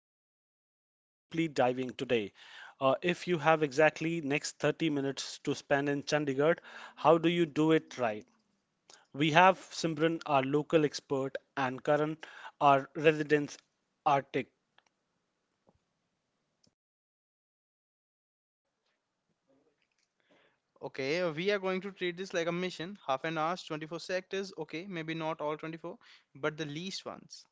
you are deeply diving today. If you have exactly next 30 minutes to spend in Chandigarh, how do you do it right? We have Simran, our local expert, and Karan, our resident Arctic. Okay, we are going to treat this like a mission. Half an hour's 24 sectors. Okay, maybe not all 24, but the least ones.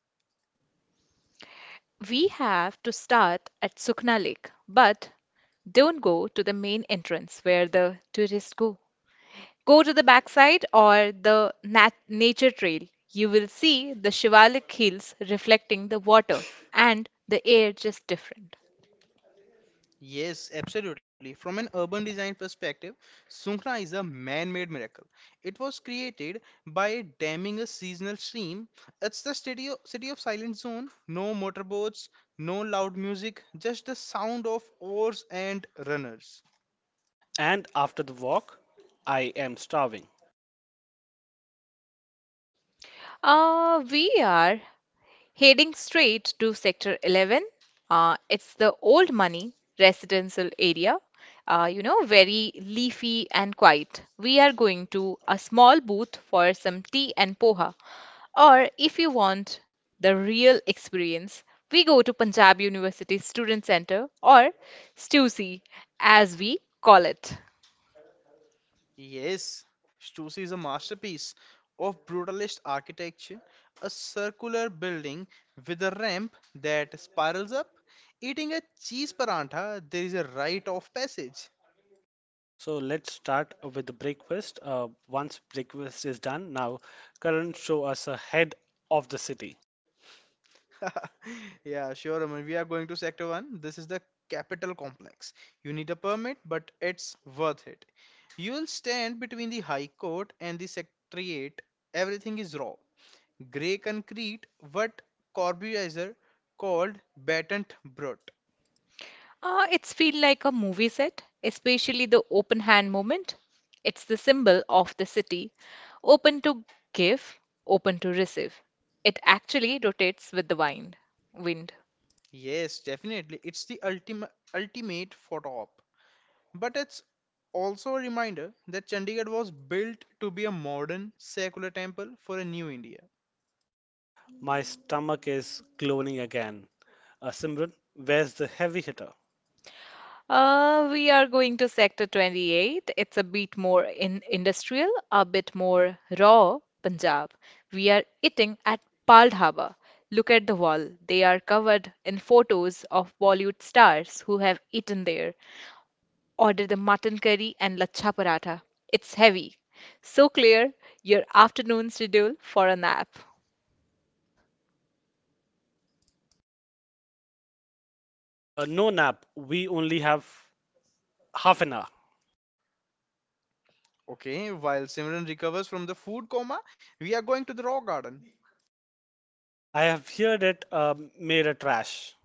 We have to start at Sukna Lake, but don't go to the main entrance where the tourists go. Go to the backside or the nature trail. You will see the Shivalik hills reflecting the water, and the air just different. Yes, absolutely. From an urban design perspective, Sukhna is a man-made miracle. It was created by damming a seasonal stream. It's the city of silent zone. No motorboats, no loud music, just the sound of oars and runners. And after the walk, I am starving. We are heading straight to Sector 11, it's the old money residential area, very leafy and quiet. We are going to a small booth for some tea and poha. Or if you want the real experience, we go to Punjab University Student Center or STUCY as we call it. Yes, Stussy is a masterpiece of brutalist architecture, a circular building with a ramp that spirals up. Eating a cheese paranta, there is a rite of passage. So let's start with the breakfast. Once breakfast is done, now Karan show us ahead of the city. Yeah, sure. I We are going to Sector 1. This is the capital complex. You need a permit, but it's worth it. You will stand between the High Court and the Secretariat. Everything is raw. Grey concrete, what Corbusier called battente brut. It's feel like a movie set, especially the open hand moment. It's the symbol of the city, open to give, open to receive. It actually rotates with the wind. Yes, definitely. It's the ultimate photo op. But it's also a reminder that Chandigarh was built to be a modern secular temple for a new India. My stomach is glowing again. Simran, where's the heavy hitter? We are going to Sector 28. It's a bit more in industrial, a bit more raw Punjab. We are eating at Pal Dhaba. Look at the wall. They are covered in photos of Bollywood stars who have eaten there. Order the mutton curry and lachha paratha. It's heavy. So clear your afternoon schedule for a nap. No nap. We only have half an hour. Okay, while Simran recovers from the food coma, we are going to the raw garden. I have heard it made a trash.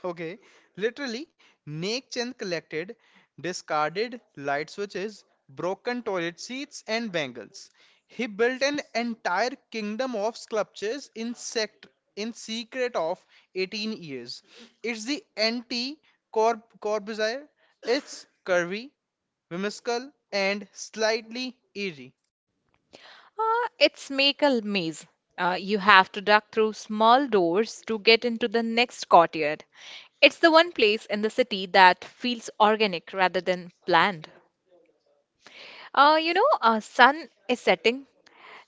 Okay, literally, Nek Chand collected discarded light switches, broken toilet seats, and bangles. He built an entire kingdom of sculptures in sect in secret of 18 years. It's the anti Corbusier. It's curvy, whimsical, and slightly eerie. It's make a maze. You have to duck through small doors to get into the next courtyard. It's the one place in the city that feels organic rather than planned. Sun is setting.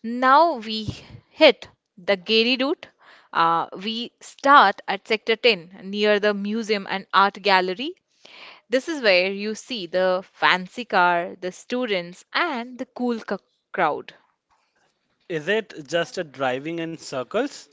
Now we hit the Gary route. We start at Sector 10 near the museum and art gallery. This is where you see the fancy car, the students, and the crowd. Is it just a driving in circles?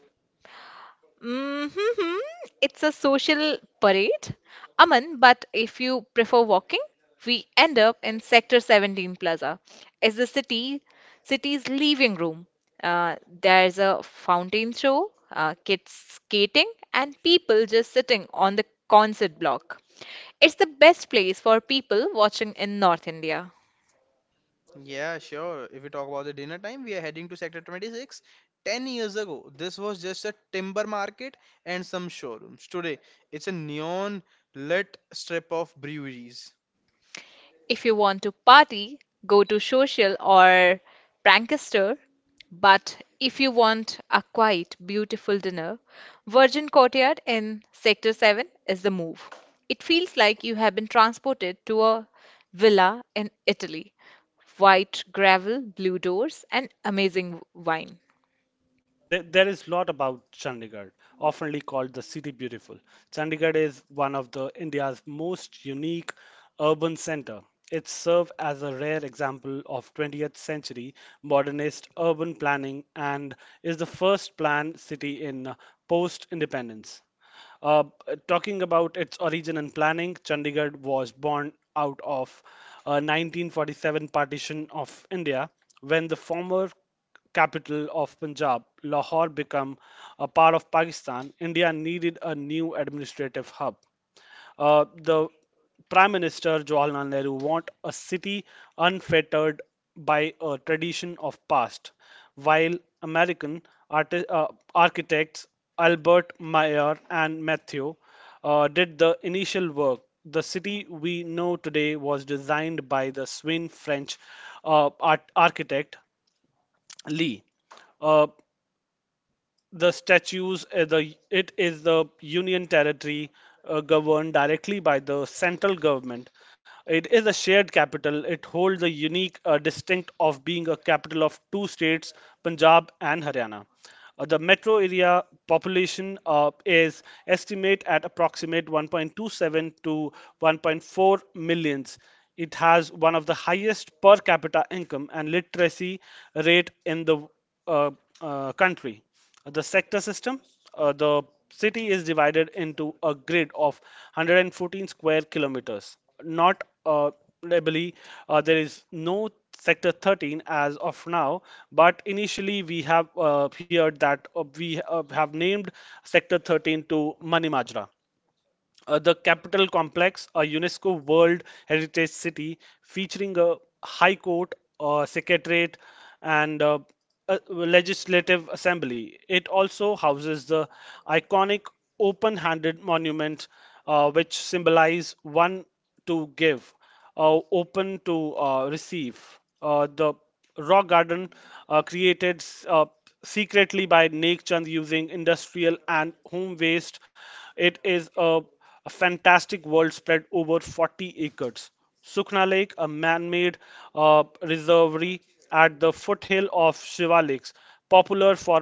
Mm-hmm. It's a social parade, Aman, but if you prefer walking, we end up in Sector 17 Plaza. It's the city's living room. There's a fountain show, kids skating, and people just sitting on the concert block. It's the best place for people watching in North India. Yeah, sure. If we talk about the dinner time, we are heading to Sector 26. 10 years ago, this was just a timber market and some showrooms. Today, it's a neon lit strip of breweries. If you want to party, go to social or prankster. But if you want a quiet, beautiful dinner, Virgin Courtyard in Sector 7 is the move. It feels like you have been transported to a villa in Italy. White gravel, blue doors, and amazing wine. There is lot about Chandigarh, oftenly called the City Beautiful. Chandigarh is one of the India's most unique urban center. It serves as a rare example of 20th century modernist urban planning and is the first planned city in post-independence. Uh, Talking about its origin and planning, Chandigarh was born out of a 1947 partition of India when the former capital of Punjab, Lahore, became a part of Pakistan. India needed a new administrative hub. The Prime Minister Jawaharlal Nehru want a city unfettered by a tradition of past, while American arti- uh, architects Albert Mayer and Matthew did the initial work. The city we know today was designed by the Swin French architect Lee. Uh, the statues, the it is the union territory governed directly by the central government. It is a shared capital. It holds the unique distinct of being a capital of two states, Punjab and Haryana. The metro area population is estimate at approximate 1.27 to 1.4 millions. It has one of the highest per capita income and literacy rate in the uh, country. The sector system, the city is divided into a grid of 114 square kilometers. Not lably, there is no sector 13 as of now, but initially we have heard that we have named sector 13 to Manimajra. The Capitol Complex, a UNESCO World Heritage City featuring a High Court, a Secretariat, and a Legislative Assembly. It also houses the iconic open handed monument, which symbolize one to give, open to receive. The rock garden, created uh, secretly by Naik Chand using industrial and home waste, it is a fantastic world spread over 40 acres. Sukhna Lake, a man-made reservoir at the foothill of Shiva Lakes, popular for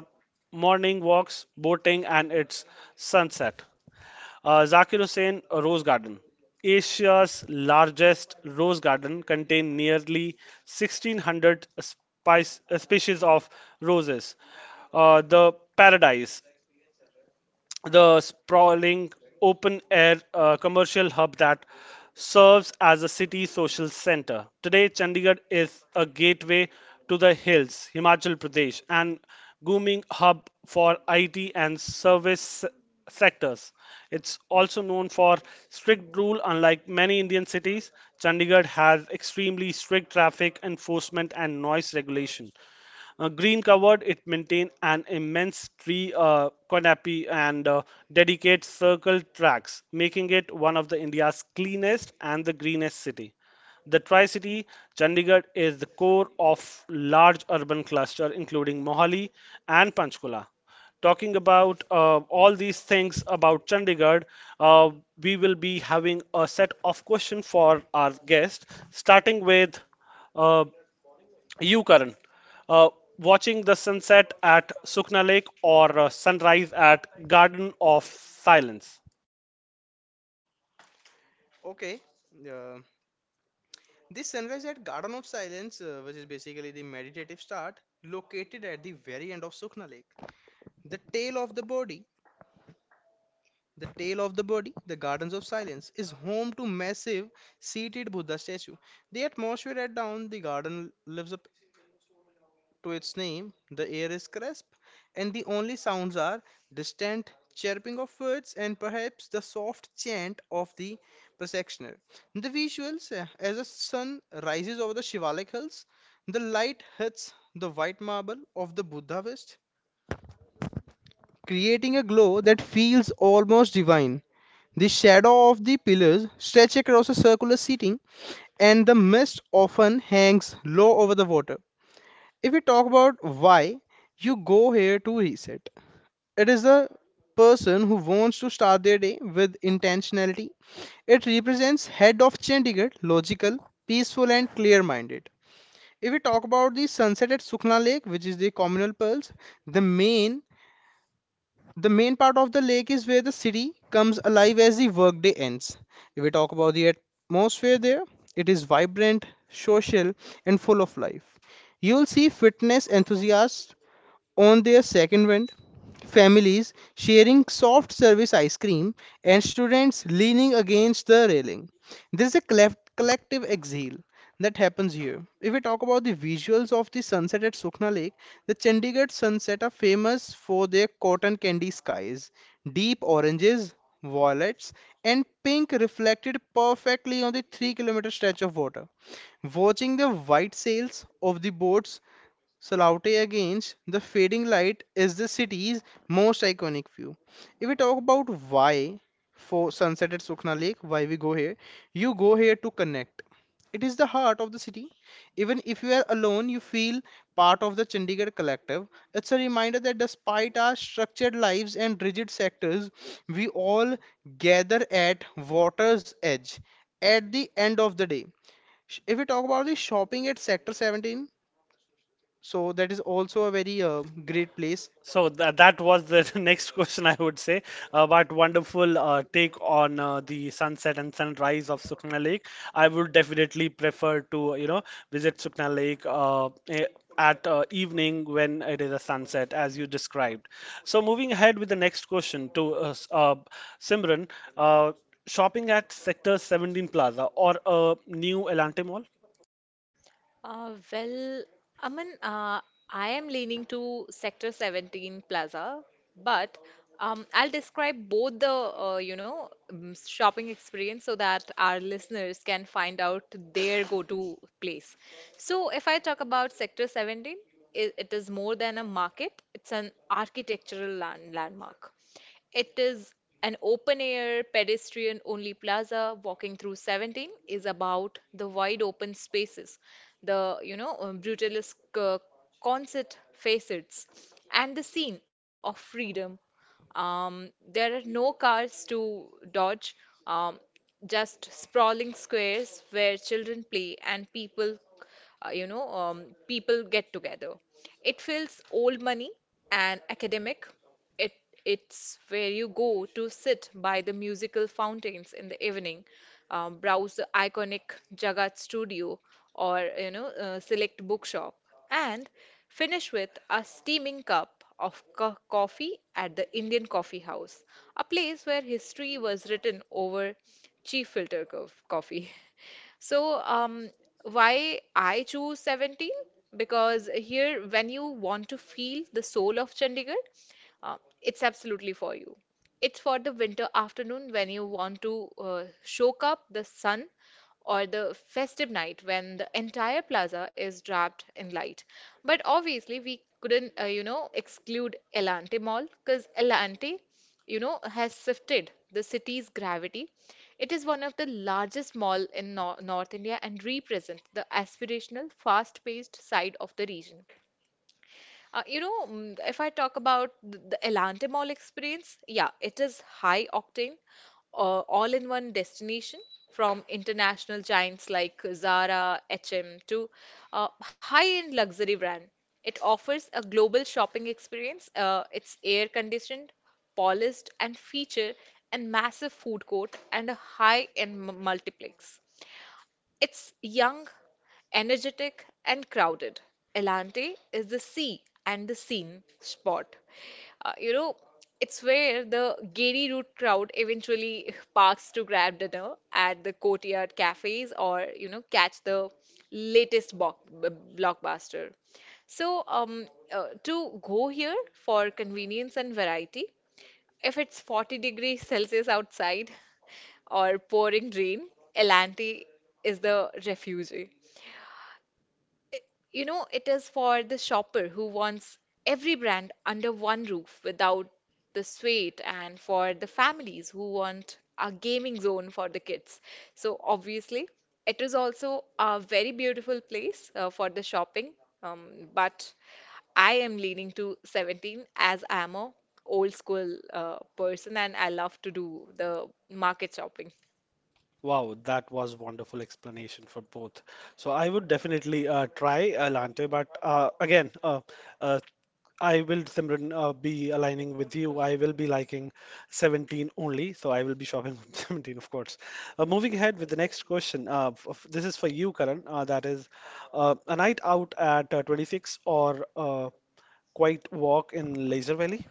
morning walks, boating, and its sunset. Zakir Hussain Rose Garden. Asia's largest rose garden contains nearly 1,600 species of roses. Uh, the paradise, the sprawling open air commercial hub that serves as a city social center. Today, Chandigarh is a gateway to the hills, Himachal Pradesh, and booming hub for IT and service sectors. It's also known for strict rule. Unlike many Indian cities, Chandigarh has extremely strict traffic enforcement and noise regulation. Green covered, it maintains an immense tree canopy and dedicates circle tracks, making it one of the India's cleanest and the greenest city. The Tri-City, Chandigarh is the core of large urban cluster including Mohali and Panchkula. Talking about all these things about Chandigarh, uh, we will be having a set of questions for our guest, starting with uh, you, Karan, uh, watching the sunset at Sukna Lake or sunrise at Garden of Silence? Okay, uh, this sunrise at Garden of Silence, which is basically the meditative start, located at the very end of Sukhna Lake. The tail of the body, the tail of the body, the Gardens of Silence, is home to massive seated Buddha statue. The atmosphere at down the garden lives up to its name, the air is crisp, and the only sounds are distant chirping of birds and perhaps the soft chant of the processioner. The visuals, as the sun rises over the Shivalik hills, the light hits the white marble of the Buddha West, creating a glow that feels almost divine. The shadow of the pillars stretch across a circular seating, and the mist often hangs low over the water. If we talk about why you go here to reset, it is the person who wants to start their day with intentionality. It represents head of Chandigarh, logical, peaceful, and clear minded. If we talk about the sunset at Sukhna Lake, which is the communal pearls, the main part of the lake is where the city comes alive as the workday ends. If we talk about the atmosphere there, it is vibrant, social, and full of life. You'll see fitness enthusiasts on their second wind, families sharing soft service ice cream, and students leaning against the railing. There's a collective exhale that happens here. If we talk about the visuals of the sunset at Sukhna Lake, the Chandigarh sunset are famous for their cotton candy skies, deep oranges, violets, and pink reflected perfectly on the 3-kilometer stretch of water. Watching the white sails of the boats Solaute against the fading light is the city's most iconic view. If we talk about why for sunset at Sukhna Lake, why we go here, you go here to connect. It is the heart of the city. Even if you are alone, you feel part of the Chandigarh collective. It's a reminder that despite our structured lives and rigid sectors, we all gather at water's edge at the end of the day. If we talk about the shopping at Sector 17, so that is also a very great place. So that was the next question I would say. But wonderful take on the sunset and sunrise of Sukna Lake. I would definitely prefer to, you know, visit Sukna Lake at evening when it is a sunset, as you described. So moving ahead with the next question to Simran, uh, shopping at Sector 17 Plaza or a new Elante Mall? Well, Aman, I am leaning to Sector 17 Plaza, but I'll describe both the shopping experience so that our listeners can find out their go-to place. So, if I talk about Sector 17, it is more than a market; it's an architectural landmark. It is an open air, pedestrian only plaza. Walking through 17 is about the wide open spaces, brutalist concert facets, and the scene of freedom. There are no cars to dodge, um, just sprawling squares where children play and people get together. It feels old money and academic. It, it's where you go to sit by the musical fountains in the evening, browse the iconic Jagat studio or select bookshop, and finish with a steaming cup of coffee at the Indian Coffee House, a place where history was written over cheap filter coffee. So, why I choose 17? Because here, when you want to feel the soul of Chandigarh, it's absolutely for you. It's for the winter afternoon when you want to soak up the sun, or the festive night when the entire plaza is wrapped in light. But obviously, we couldn't, exclude Elante Mall because Elante, has shifted the city's gravity. It is one of the largest mall in North India and represents the aspirational, fast-paced side of the region. If I talk about the Elante Mall experience, yeah, it is high octane, all in one destination from international giants like Zara, H&M to high-end luxury brand. It offers a global shopping experience. It's air-conditioned, polished, and feature a massive food court and a high-end multiplex. It's young, energetic, and crowded. Elante is the sea and the scene spot. Uh, you know, it's where the Gary Route crowd eventually parks to grab dinner at the courtyard cafes or, catch the latest blockbuster. So, to go here for convenience and variety, if it's 40 degrees Celsius outside or pouring rain, Elanti is the refuge. You know, it is for the shopper who wants every brand under one roof without the sweat, and for the families who want a gaming zone for the kids. So, obviously, it is also a very beautiful place for the shopping. But I am leaning to 17 as I am a old school person and I love to do the market shopping. Wow, that was wonderful explanation for both. So I would definitely try latte, but again, uh, I will, Simran, be aligning with you. I will be liking 17 only, so I will be shopping 17, of course. Moving ahead with the next question. This is for you, Karan. That is a night out at 26 or quiet walk in Laser Valley?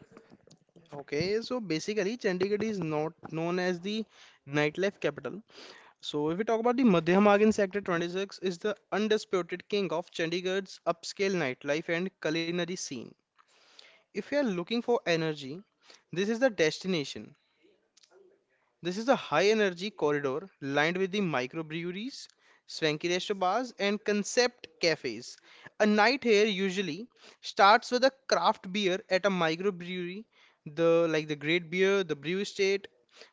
Okay, so basically Chandigarh is not known as the nightlife capital. So if we talk about the Madhya Magan Sector 26 is the undisputed king of Chandigarh's upscale nightlife and culinary scene. If you are looking for energy, this is the destination. This is a high energy corridor lined with the microbreweries, swanky resto bars, and concept cafes. A night here usually starts with a craft beer at a microbrewery, the like the Great Beer, the Brew Estate,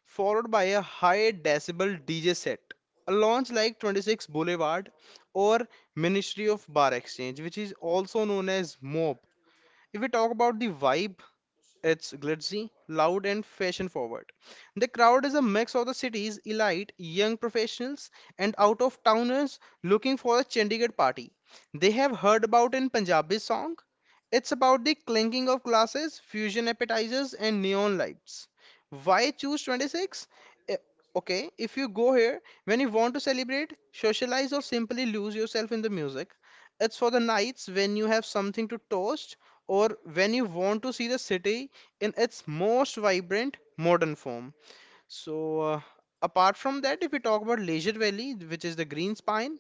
followed by a high decibel DJ set. A launch like 26 Boulevard or Ministry of Bar Exchange, which is also known as MOB. If we talk about the vibe, it's glitzy, loud, and fashion forward. The crowd is a mix of the city's elite, young professionals, and out of towners looking for a Chandigarh party. They have heard about in Punjabi song. It's about the clinking of glasses, fusion appetizers, and neon lights. Why choose 26? Eh, Okay, if you go here when you want to celebrate, socialize, or simply lose yourself in the music, it's for the nights when you have something to toast or when you want to see the city in its most vibrant modern form. So, apart from that, if we talk about Leisure Valley, which is the green spine,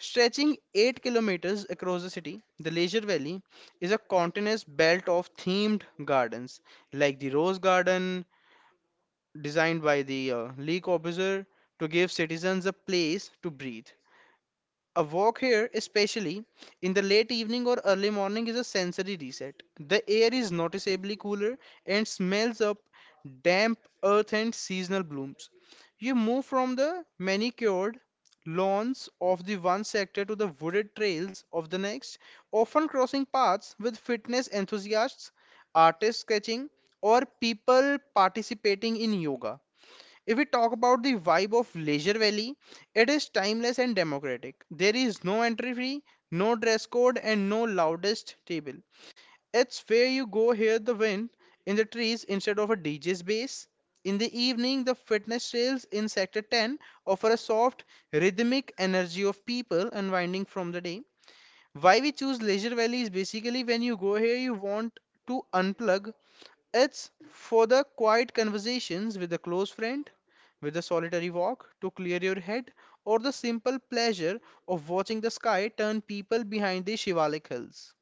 stretching 8 kilometers across the city, the Leisure Valley is a continuous belt of themed gardens like the Rose Garden, designed by the Lee Corbusier to give citizens a place to breathe. A walk here, especially in the late evening or early morning, is a sensory reset. The air is noticeably cooler and smells of damp earth and seasonal blooms. You move from the manicured lawns of the one sector to the wooded trails of the next, often crossing paths with fitness enthusiasts, artists sketching, or people participating in yoga. If we talk about the vibe of Leisure Valley, it is timeless and democratic. There is no entry fee, no dress code, and no loudest table. It's where you go hear the wind in the trees instead of a DJ's bass. In the evening, the fitness trails in Sector 10 offer a soft, rhythmic energy of people unwinding from the day. Why we choose Leisure Valley is basically when you go here, you want to unplug it's for the quiet conversations with a close friend, with a solitary walk to clear your head, or the simple pleasure of watching the sky turn people behind the Shivalik hills.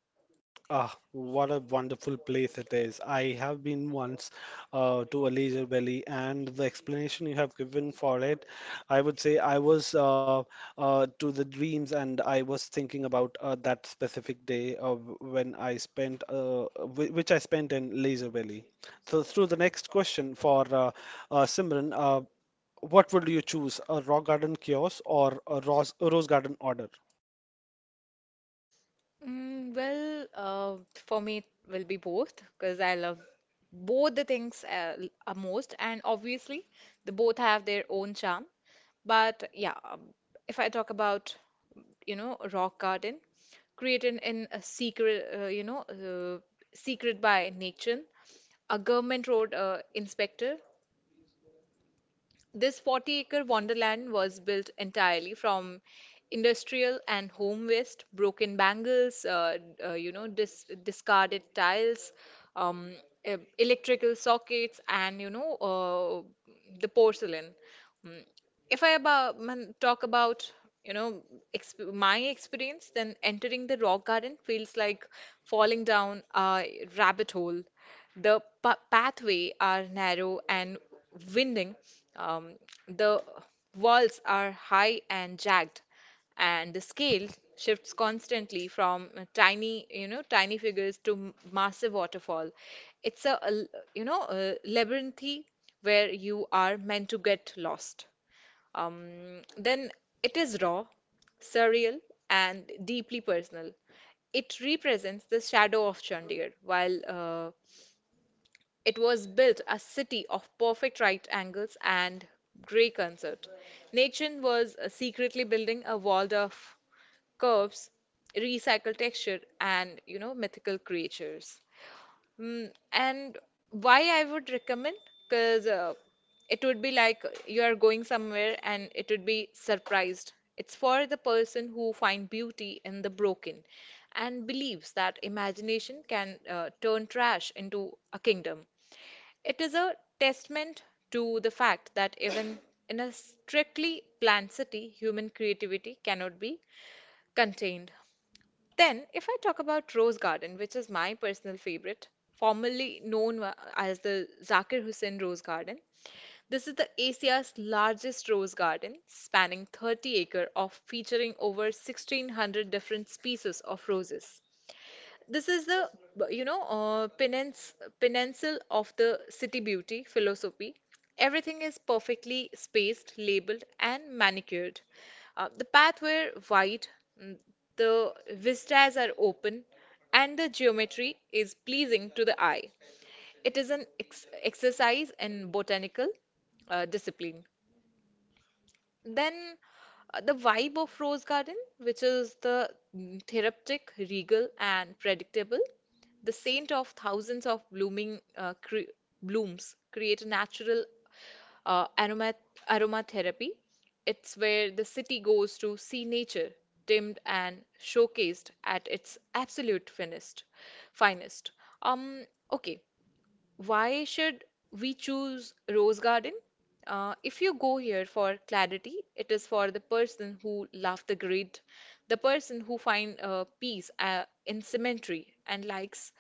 Ah, what a wonderful place it is. I have been once to a leisure valley, and the explanation you have given for it, I would say I was to the dreams, and I was thinking about that specific day of when I spent, which I spent in leisure valley. So, through the next question for Simran, what would you choose, a rock garden kiosk or a rose garden order? Well, for me, it will be both because I love both the things most, and obviously, the both have their own charm. But yeah, if I talk about, you know, a rock garden created in a secret, secret by nature, a government road inspector this 40-acre wonderland was built entirely from industrial and home waste, broken bangles, discarded tiles, um, electrical sockets, and the porcelain. Mm. If I talk about you know exp my experience, then entering the rock garden feels like falling down a rabbit hole. The pa pathways are narrow and winding, um, the walls are high and jagged, and the scale shifts constantly from tiny, tiny figures to massive waterfall. It's a labyrinthy where you are meant to get lost. Then it is raw, surreal, and deeply personal. It represents the shadow of Chandir, while it was built a city of perfect right angles and grey concert. Nathan was secretly building a world of curves, recycled texture, and mythical creatures. And why I would recommend? Because it would be like you are going somewhere and it would be surprised. It's for the person who find beauty in the broken and believes that imagination can turn trash into a kingdom. It is a testament to the fact that even in a strictly planned city, human creativity cannot be contained. Then, if I talk about Rose Garden, which is my personal favorite, formerly as the Zakir Hussain Rose Garden, this is the Asia's largest rose garden, spanning 30 acre of featuring over 1600 different species of roses. This is the, you know, uh, penance, pencil of the city beauty philosophy. Everything is perfectly spaced, labeled, and manicured. The paths were wide, mm, the vistas are open, and the geometry is pleasing to the eye. It is an ex exercise in botanical discipline. Then the vibe of Rose Garden, which is the therapeutic, regal, and predictable, the scent of thousands of blooming blooms create a natural uh, aroma aromatherapy. It's where the city goes to see nature, dimmed and showcased at its absolute finest. Um, okay, why should we choose Rose Garden? If you go here for clarity, it is for the person who loves the grid, the person who finds peace in symmetry and likes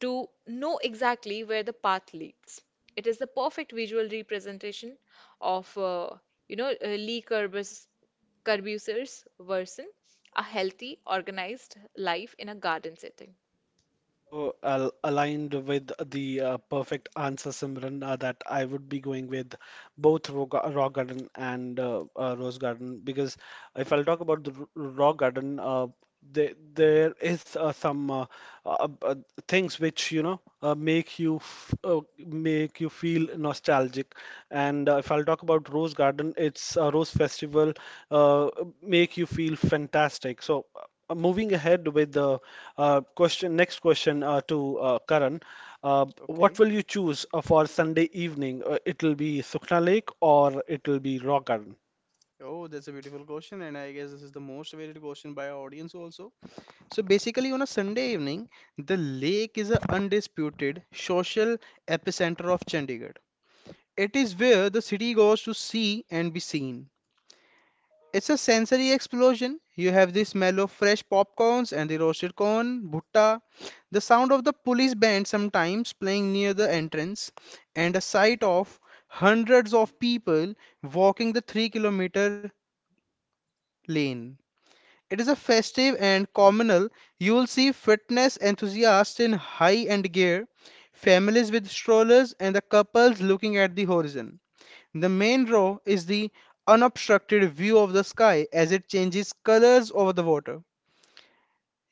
to know exactly where the path leads. It is the perfect visual representation of, Lee Kurzweil's Curbuser's version, a healthy, organized life in a garden setting. Oh, al aligned with the perfect answer, Simran, that I would be going with both Raw, Garden and Rose Garden because if I'll talk about the rock garden, there is some uh, uh, things which you know make you feel nostalgic. And if I'll talk about Rose Garden, it's a Rose Festival uh, make you feel fantastic. So moving ahead with the next question to Karan, what Okay. will you choose for Sunday evening? It'll be Sukhna Lake or it'll be Rock Garden? Oh, that's a beautiful question, and I guess this is the most awaited question by our audience also. So basically, on a Sunday evening, the lake is an undisputed social epicenter of Chandigarh. It is where the city goes to see and be seen. It's a sensory explosion. You have the smell of fresh popcorns and the roasted corn, bhutta, the sound of the police band sometimes playing near the entrance, and a sight of hundreds of people walking the 3-kilometer lane. It is a festive and communal. You will see fitness enthusiasts in high end gear, families with strollers, and the couples looking at the horizon. The main row is the unobstructed view of the sky as it changes colors over the water.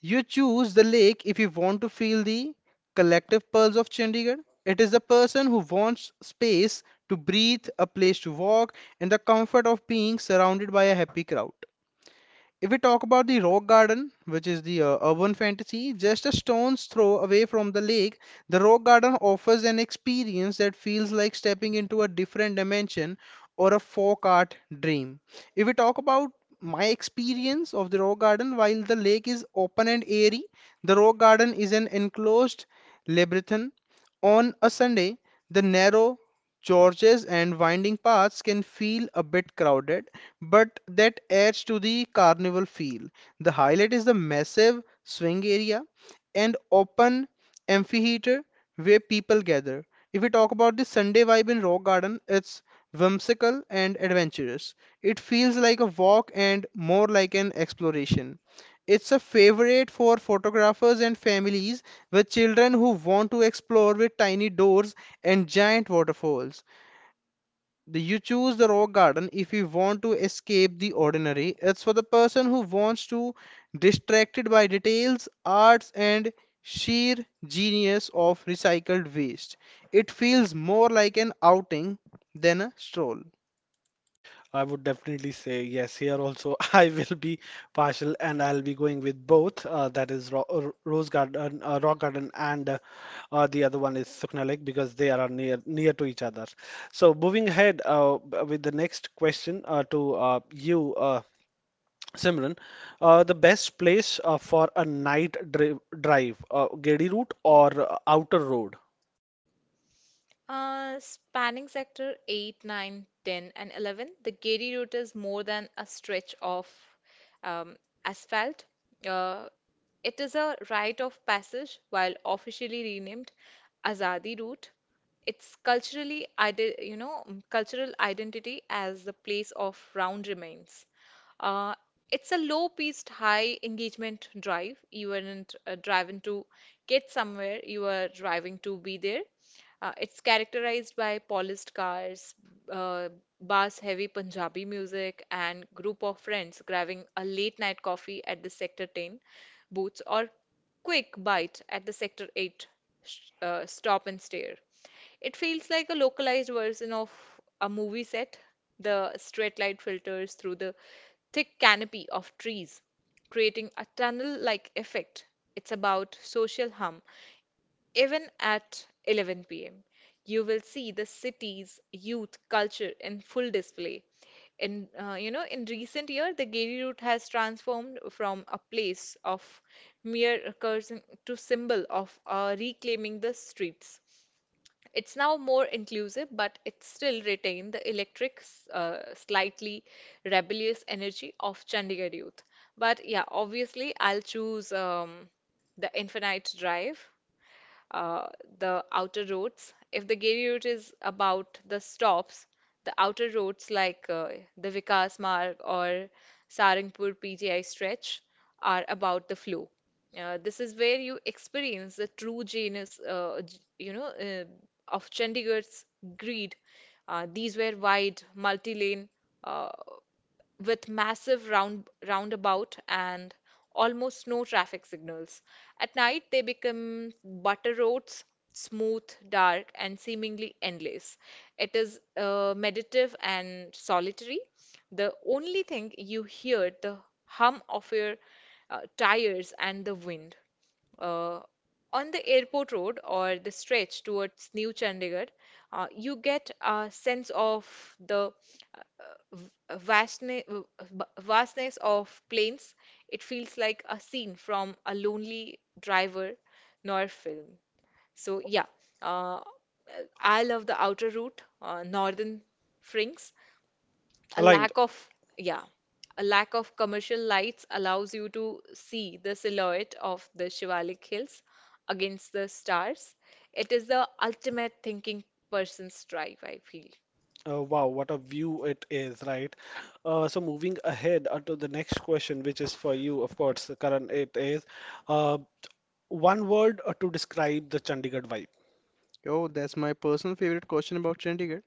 You choose the lake if you want to feel the collective pulse of Chandigarh. It is the person who wants space to breathe, a place to walk, and the comfort of being surrounded by a happy crowd. If we talk about the rock garden, which is the urban fantasy, just a stone's throw away from the lake, the rock garden offers an experience that feels like stepping into a different dimension or a folk art dream. If we talk about my experience of the rock garden, while the lake is open and airy, the rock garden is an enclosed labyrinth. On a Sunday, the narrow Churches and winding paths can feel a bit crowded, but that adds to the carnival feel. The highlight is the massive swing area and open amphitheater where people gather. If we talk about the Sunday vibe in Rock Garden, it's whimsical and adventurous. It feels like a walk and more like an exploration. It's a favorite for photographers and families with children who want to explore with tiny doors and giant waterfalls. You choose the rock garden if you want to escape the ordinary. It's for the person who wants to distracted by details, arts, and sheer genius of recycled waste. It feels more like an outing than a stroll. I would definitely say yes. Here also, I will be partial, and I'll be going with both. That is Ro Rose Garden, Rock Garden, and the other one is Sukhna Lake because they are near to each other. So moving ahead with the next question to Simran, the best place for a night drive, Gedi route or outer road? Spanning sector 8, 9, 10, and 11, the Gedi route is more than a stretch of um, asphalt. Uh, it is a rite of passage, while officially renamed Azadi route. Its cultural identity as the place of round remains. Uh, it's a low-paced, high engagement drive. You aren't driving to get somewhere, you are driving to be there. It's characterized by polished cars, uh, bars heavy Punjabi music, and group of friends grabbing a late night coffee at the Sector 10 booths or quick bite at the Sector 8 stop and stare. It feels like a localized version of a movie set. The straight light filters through the thick canopy of trees, creating a tunnel-like effect. It's about social hum. Even at 11 p.m., you will see the city's youth culture in full display. In in recent year, the Giri route has transformed from a place of mere cursing to symbol of reclaiming the streets. It's now more inclusive, but it still retained the electric, slightly rebellious energy of Chandigarh youth. But yeah, obviously, I'll choose the Infinite Drive uh, the outer roads. If the Giri route is about the stops, the outer roads like the Vikas Marg or Sarangpur PTI stretch are about the flow. This is where you experience the true genius, of Chandigarh's greed. These were wide, multi-lane. Uh, with massive round roundabout and almost no traffic signals. At night they become butter roads, smooth, dark, and seemingly endless. It is meditative and solitary. The only thing you hear the hum of your tires and the wind. Uh, on the airport road or the stretch towards New Chandigarh, you get a sense of the uh, v- vastness, vastness of plains, it feels like a scene from a lonely driver noir film. So yeah, uh, I love the outer route, northern frinks. A Align lack of yeah, a lack of commercial lights allows you to see the silhouette of the Shivalik Hills against the stars. It is the ultimate thinking person's drive, I feel. Wow, what a view it is, right? So moving ahead to the next question, which is for you, of course, Karan, it is uh, one word to describe the Chandigarh vibe. Oh, that's my personal favorite question about Chandigarh.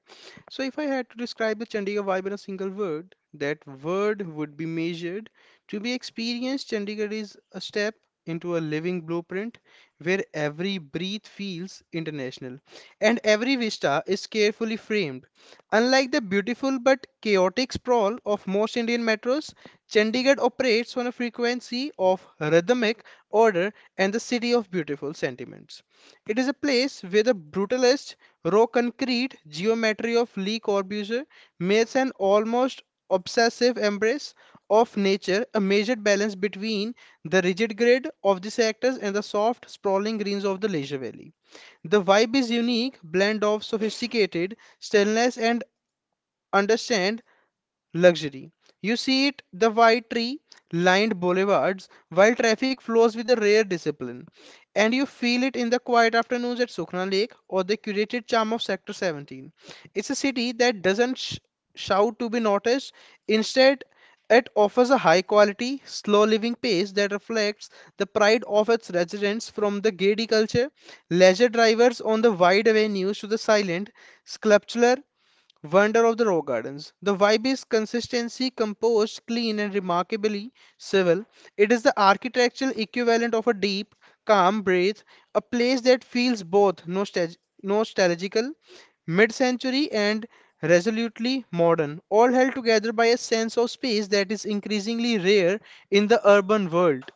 So, if I had to describe the Chandigarh vibe in a single word, that word would be measured. To be experienced, Chandigarh is a step into a living blueprint where every breath feels international and every vista is carefully framed. Unlike the beautiful but chaotic sprawl of most Indian metros, Chandigarh operates on a frequency of rhythmic order and the city of beautiful sentiments. It is a place where the brutalist, raw concrete geometry of Le Corbusier makes an almost obsessive embrace of nature, a measured balance between the rigid grid of the sectors and the soft, sprawling greens of the leisure valley. The vibe is unique blend of sophisticated stillness and understand luxury. You see it the white tree lined boulevards while traffic flows with a rare discipline. And you feel it in the quiet afternoons at Sukhna Lake or the curated charm of Sector 17. It's a city that doesn't shout to be noticed. Instead, it offers a high quality, slow living pace that reflects the pride of its residents from the gaiety culture, leisure drivers on the wide avenues to the silent, sculptural Wonder of the Rock Gardens. The vibe is consistency, composed, clean, and remarkably civil. It is the architectural equivalent of a deep, calm breath, a place that feels both nostalgical, mid century, and resolutely modern, all held together by a sense of space that is increasingly rare in the urban world.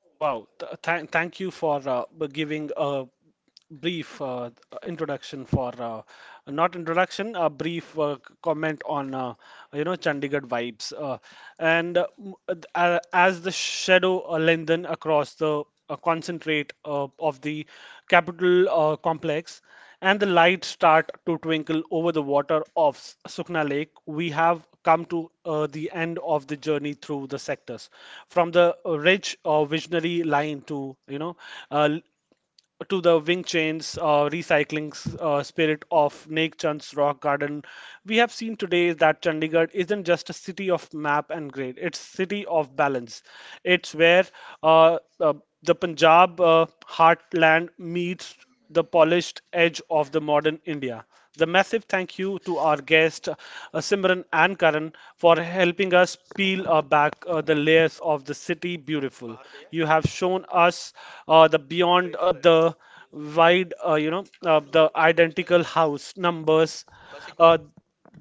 Oh wow! Th thank thank you for giving a brief introduction for not introduction a brief comment on you know Chandigarh vibes and uh, m- as the shadow lengthen across the concentrate of the capital complex and the lights start to twinkle over the water of Sukna Lake, we have come to the end of the journey through the sectors, from the rich visionary line to you know uh, to the Wing Chun's recycling spirit of Naik Chand's rock garden, we have seen today that Chandigarh isn't just a city of map and grade; it's city of balance. It's where uh, uh, the Punjab heartland meets the polished edge of the modern India. The massive thank you to our guests, Simran and Karan, for helping us peel back the layers of the city beautiful. You have shown us the beyond the wide, the identical house numbers. Uh,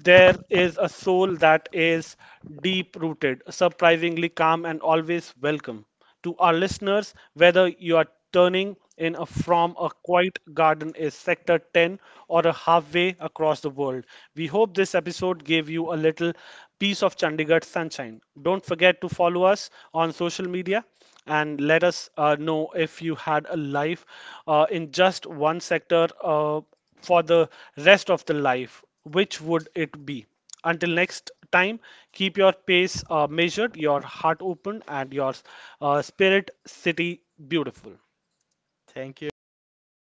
there is a soul that is deep rooted, surprisingly calm, and always welcome. To our listeners, whether you are turning in a, from a quiet garden in Sector 10 or a halfway across the world, we hope this episode gave you a little piece of Chandigarh sunshine. Don't forget to follow us on social media and let us know if you had a life in just one sector. For the rest of the life, which would it be? Until next time, keep your pace measured, your heart open, and your spirit city beautiful. Thank you, Aman. Thank you for